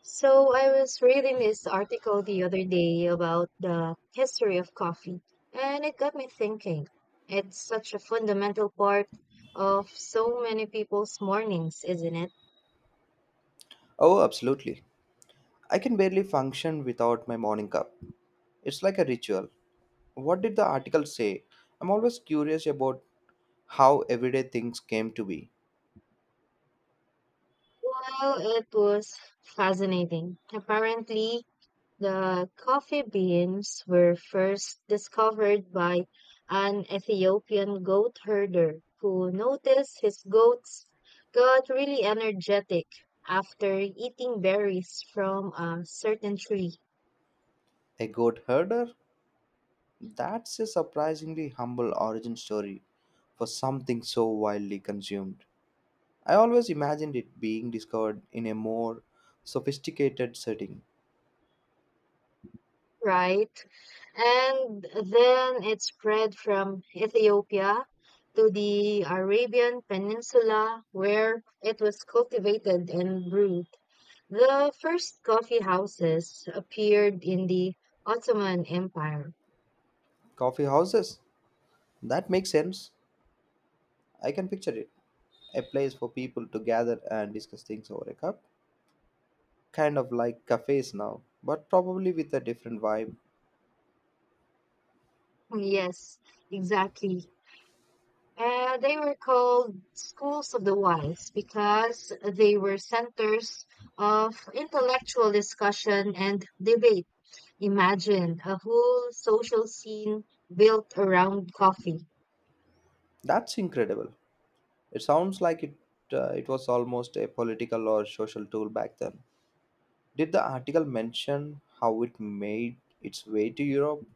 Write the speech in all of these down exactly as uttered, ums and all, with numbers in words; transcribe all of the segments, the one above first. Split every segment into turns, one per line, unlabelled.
So I was reading this article the other day about the history of coffee, and it got me thinking. It's such a fundamental part of so many people's mornings, isn't it?
Oh, absolutely. I can barely function without my morning cup. It's like a ritual. What did the article say? I'm always curious about how everyday things came to be.
Well, it was fascinating. Apparently, the coffee beans were first discovered by an Ethiopian goat herder who noticed his goats got really energetic after eating berries from a certain tree,
A goat herder? That's a surprisingly humble origin story for something so widely consumed. I always imagined it being discovered in a more sophisticated setting.
right? And then it spread from Ethiopia to the Arabian Peninsula where it was cultivated and brewed. The first coffee houses appeared in the Ottoman Empire.
Coffee houses? That makes sense. I can picture it. A place for people to gather and discuss things over a cup. Kind of like cafes now, but probably with a different vibe.
Yes, exactly. And they were called schools of the wise because they were centers of intellectual discussion and debate. Imagine a whole social scene built around coffee.
That's incredible. It sounds like it uh, it was almost a political or social tool back then. Did the article mention how it made its way to Europe?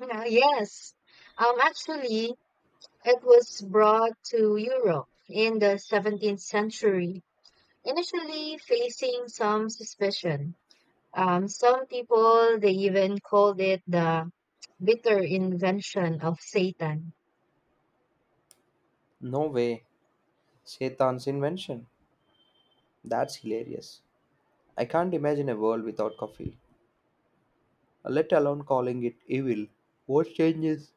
Uh, yes. Um, actually, it was brought to Europe in the seventeenth century, initially facing some suspicion. Um, some people they even called it the bitter invention of Satan.
No way. Shaitan's invention. That's hilarious. I can't imagine a world without coffee, let alone calling it evil. What changes?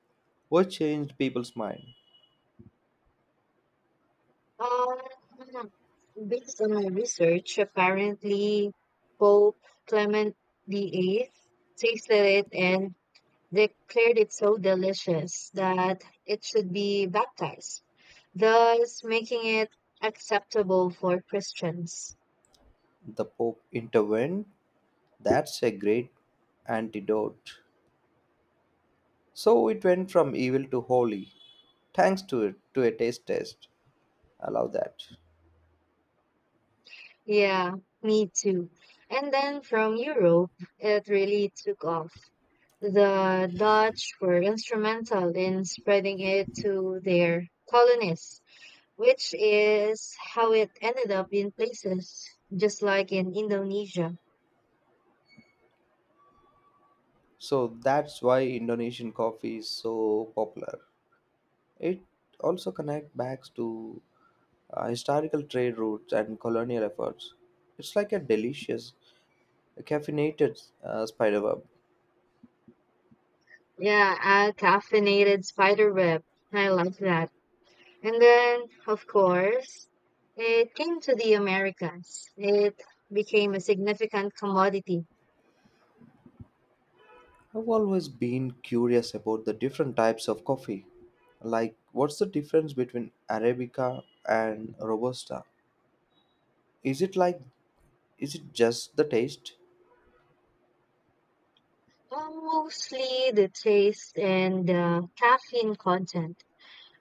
What changed people's mind?
Um, Based on my research, apparently Pope Clement the eighth tasted it and declared it so delicious that it should be baptized, thus making it acceptable for Christians.
The Pope intervened? That's a great antidote. So it went from evil to holy, thanks to it to a taste test. I love that.
Yeah, me too. And then from Europe, it really took off. The Dutch were instrumental in spreading it to their colonies, which is how it ended up in places just like in Indonesia.
So that's why Indonesian coffee is so popular. It also connects back to uh, historical trade routes and colonial efforts. It's like a delicious, caffeinated uh, spiderweb.
Yeah, a caffeinated spider web. I like that. And then, of course, it came to the Americas. It became a significant commodity.
I've always been curious about the different types of coffee. Like, what's the difference between Arabica and Robusta? Is it like, is it just the taste?
Um, mostly the taste and the caffeine content.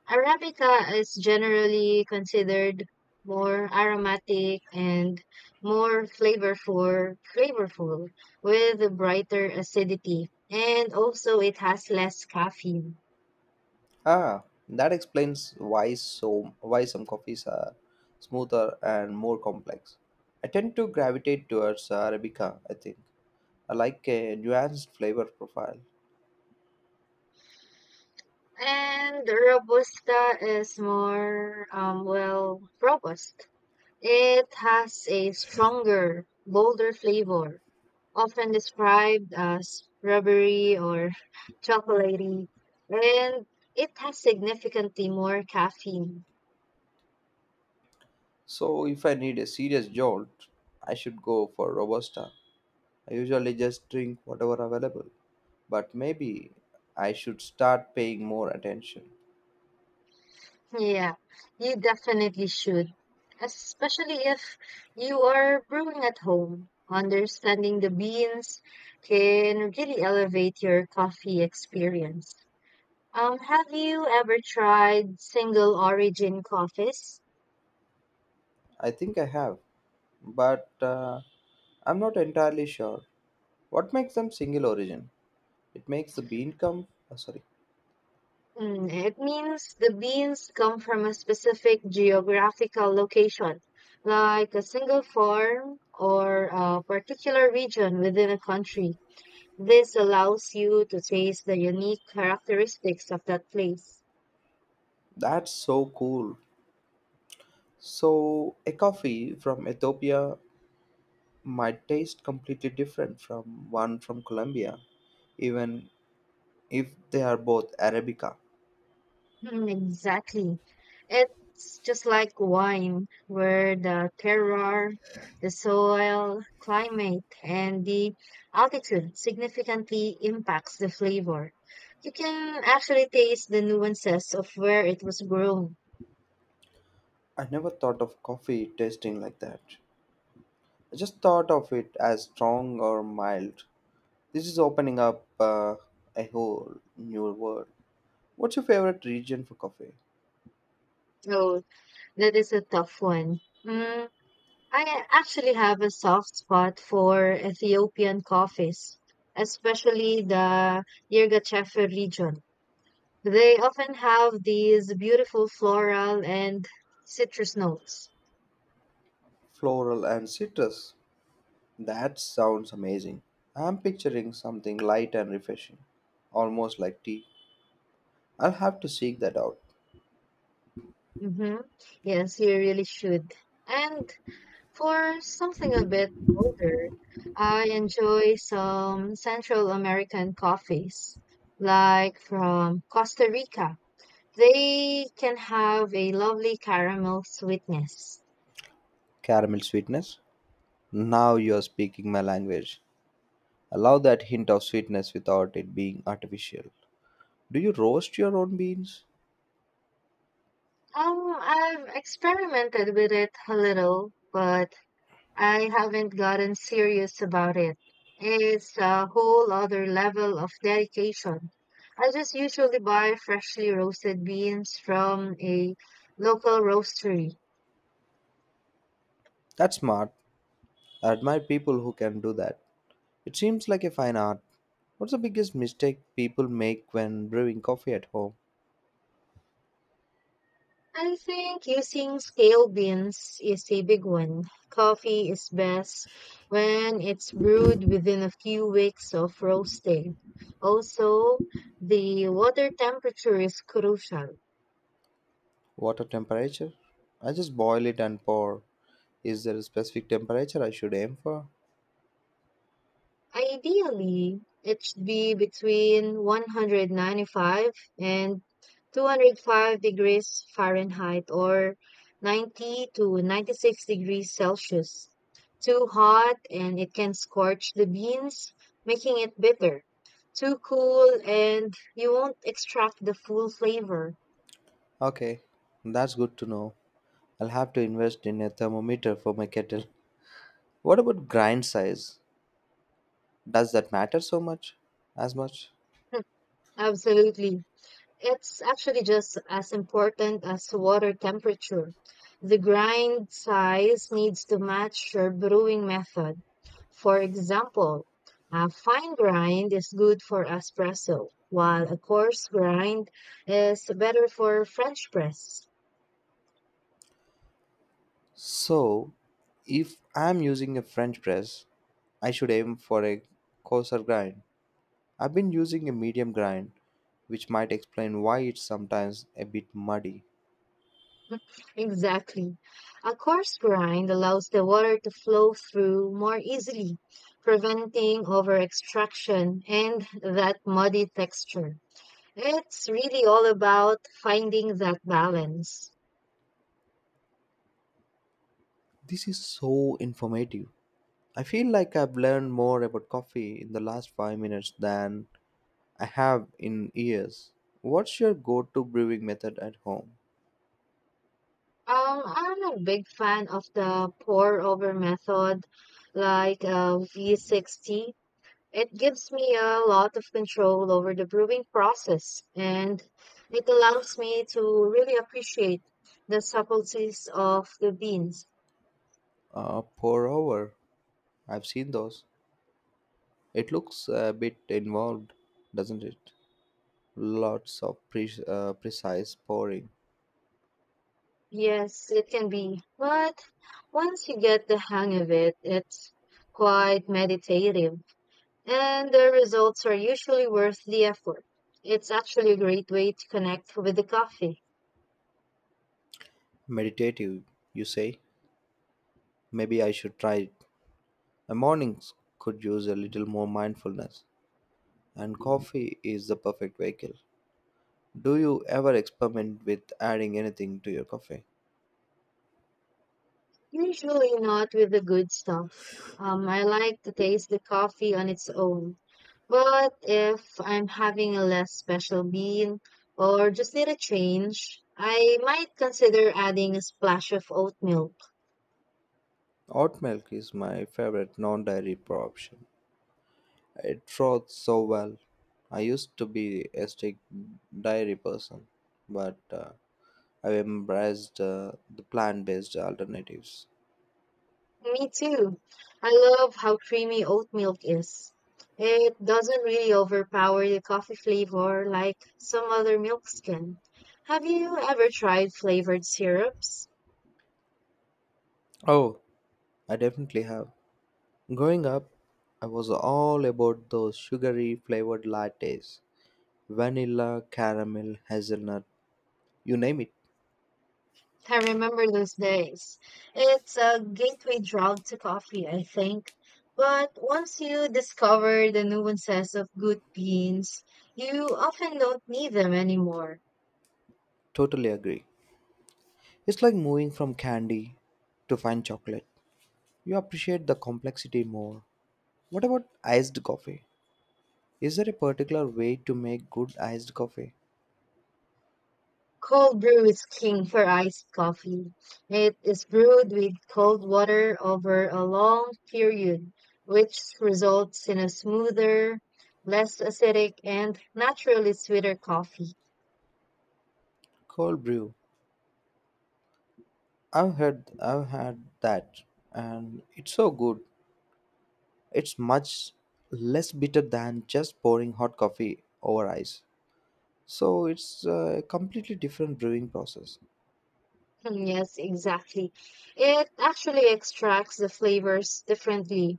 Arabica is generally considered more aromatic and more flavorful, flavorful with a brighter acidity. And also it has less caffeine.
Ah, that explains why so why some coffees are smoother and more complex. I tend to gravitate towards Arabica, I think. I like a nuanced flavor profile.
And Robusta is more, um, well, robust. It has a stronger, bolder flavor often described as rubbery or chocolatey, and it has significantly more caffeine.
So if I need a serious jolt, I should go for Robusta. I usually just drink whatever available, but maybe I should start paying more attention.
Yeah, you definitely should, especially if you are brewing at home. Understanding the beans can really elevate your coffee experience. Um, have you ever tried single origin coffees?
I think I have, but uh, I'm not entirely sure. What makes them single origin? It makes the bean come. Oh, sorry,
Mm, it means the beans come from a specific geographical location, like a single farm or a particular region within a country. This allows you to taste the unique characteristics of that place.
that's so cool. So a coffee from Ethiopia might taste completely different from one from Colombia, even if they are both Arabica.
Mm, exactly. It's just like wine, where the terroir, the soil, climate, and the altitude significantly impacts the flavor. You can actually taste the nuances of where it was grown.
I never thought of coffee tasting like that. I just thought of it as strong or mild. This is opening up uh, a whole new world. What's your favorite region for coffee?
So that is a tough one. Mm, I actually have a soft spot for Ethiopian coffees, especially the yirga region. They often have these beautiful floral and citrus notes.
Floral and citrus. That sounds amazing. I'm picturing something light and refreshing, almost like tea. I'll have to seek that out.
Hmm, yes, you really should. And for something a bit bolder, I enjoy some Central American coffees, like from Costa Rica. They can have a lovely caramel sweetness.
Caramel sweetness? Now you're speaking my language. Allow that hint of sweetness without it being artificial. Do you roast your own beans?
Um, I've experimented with it a little, but I haven't gotten serious about it. It's a whole other level of dedication. I just usually buy freshly roasted beans from a local roastery.
That's smart. I admire people who can do that. It seems like a fine art. What's the biggest mistake people make when brewing coffee at home?
I think using scale beans is a big one. Coffee is best when it's brewed within a few weeks of roasting. Also, the water temperature is crucial.
Water temperature? I just boil it and pour. Is there a specific temperature I should aim for?
Ideally, it should be between one hundred ninety-five and two hundred five degrees Fahrenheit or ninety to ninety-six degrees Celsius. Too hot and it can scorch the beans, making it bitter. Too cool and you won't extract the full flavor.
Okay, that's good to know. I'll have to invest in a thermometer for my kettle. What about grind size? Does that matter so much? As much?
Absolutely. It's actually just as important as water temperature. The grind size needs to match your brewing method. For example, a fine grind is good for espresso, while a coarse grind is better for French press.
So, if I'm using a French press, I should aim for a coarser grind. I've been using a medium grind, which might explain why it's sometimes a bit muddy.
Exactly. A coarse grind allows the water to flow through more easily, preventing over extraction and that muddy texture. It's really all about finding that balance.
This is so informative. I feel like I've learned more about coffee in the last five minutes than I have in years. What's your go to brewing method at home?
Um, I'm a big fan of the pour over method, like uh, V sixty. It gives me a lot of control over the brewing process, and it allows me to really appreciate the subtleties of the beans.
Uh, pour over. I've seen those. It looks a bit involved, doesn't it? Lots of pre- uh, precise pouring.
Yes, it can be, but once you get the hang of it, it's quite meditative, and the results are usually worth the effort. It's actually a great way to connect with the coffee,
Meditative, you say? Maybe I should try it. My mornings could use a little more mindfulness, and coffee is the perfect vehicle. Do you ever experiment with adding anything to your coffee?
usually not with the good stuff. Um, I like to taste the coffee on its own, but if I'm having a less special bean or just need a change, I might consider adding a splash of oatmeal.
Oat milk is my favorite non dairy option. It wrote so well. I used to be a strict dairy person, but uh, I've embraced uh, the plant based alternatives.
Me too. I love how creamy oat milk is. It doesn't really overpower the coffee flavor like some other milks can. Have you ever tried flavored syrups?
Oh, I definitely have. Growing up, I was all about those sugary flavored lattes vanilla, caramel, hazelnut, you name it.
I remember those days. It's a gateway drug to coffee, I think. But once you discover the nuances of good beans, you often don't need them anymore.
Totally agree. It's like moving from candy to fine chocolate. You appreciate the complexity more. What about iced coffee? Is there a particular way to make good iced coffee?
Cold brew is king for iced coffee. It is brewed with cold water over a long period, which results in a smoother, less acidic, and naturally sweeter coffee.
Cold brew. I've heard I've had that and it's so good. It's much less bitter than just pouring hot coffee over ice. So it's a completely different brewing process.
Yes, exactly. It actually extracts the flavors differently.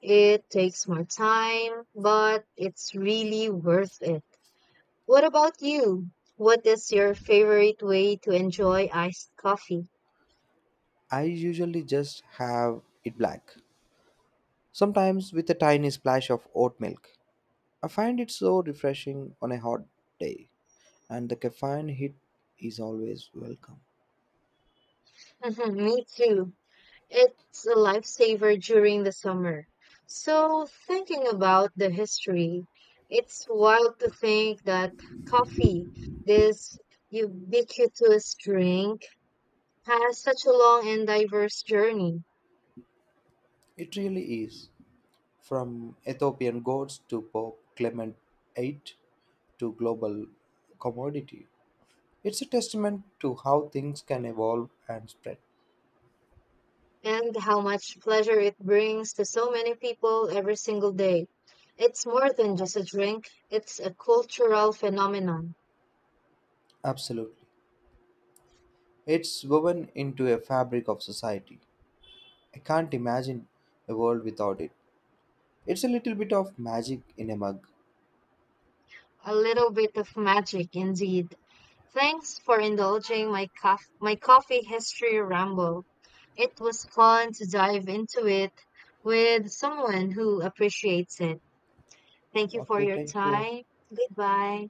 It takes more time, but it's really worth it. What about you? What is your favorite way to enjoy iced coffee?
I usually just have it black, sometimes with a tiny splash of oat milk. I find it so refreshing on a hot day and the caffeine hit is always welcome.
Me too. It's a lifesaver during the summer. So, thinking about the history, it's wild to think that coffee, this ubiquitous drink, has such a long and diverse journey,
It really is. From Ethiopian gods to Pope Clement eight to global commodity, it's a testament to how things can evolve and spread.
and how much pleasure it brings to so many people every single day. It's more than just a drink, it's a cultural phenomenon,
Absolutely. It's woven into a fabric of society. I can't imagine a world without it. It's a little bit of magic in a mug.
a little bit of magic indeed. Thanks for indulging my cof- my coffee history ramble. It was fun to dive into it with someone who appreciates it. Thank you for
Okay,
your
thank you.
time. Goodbye.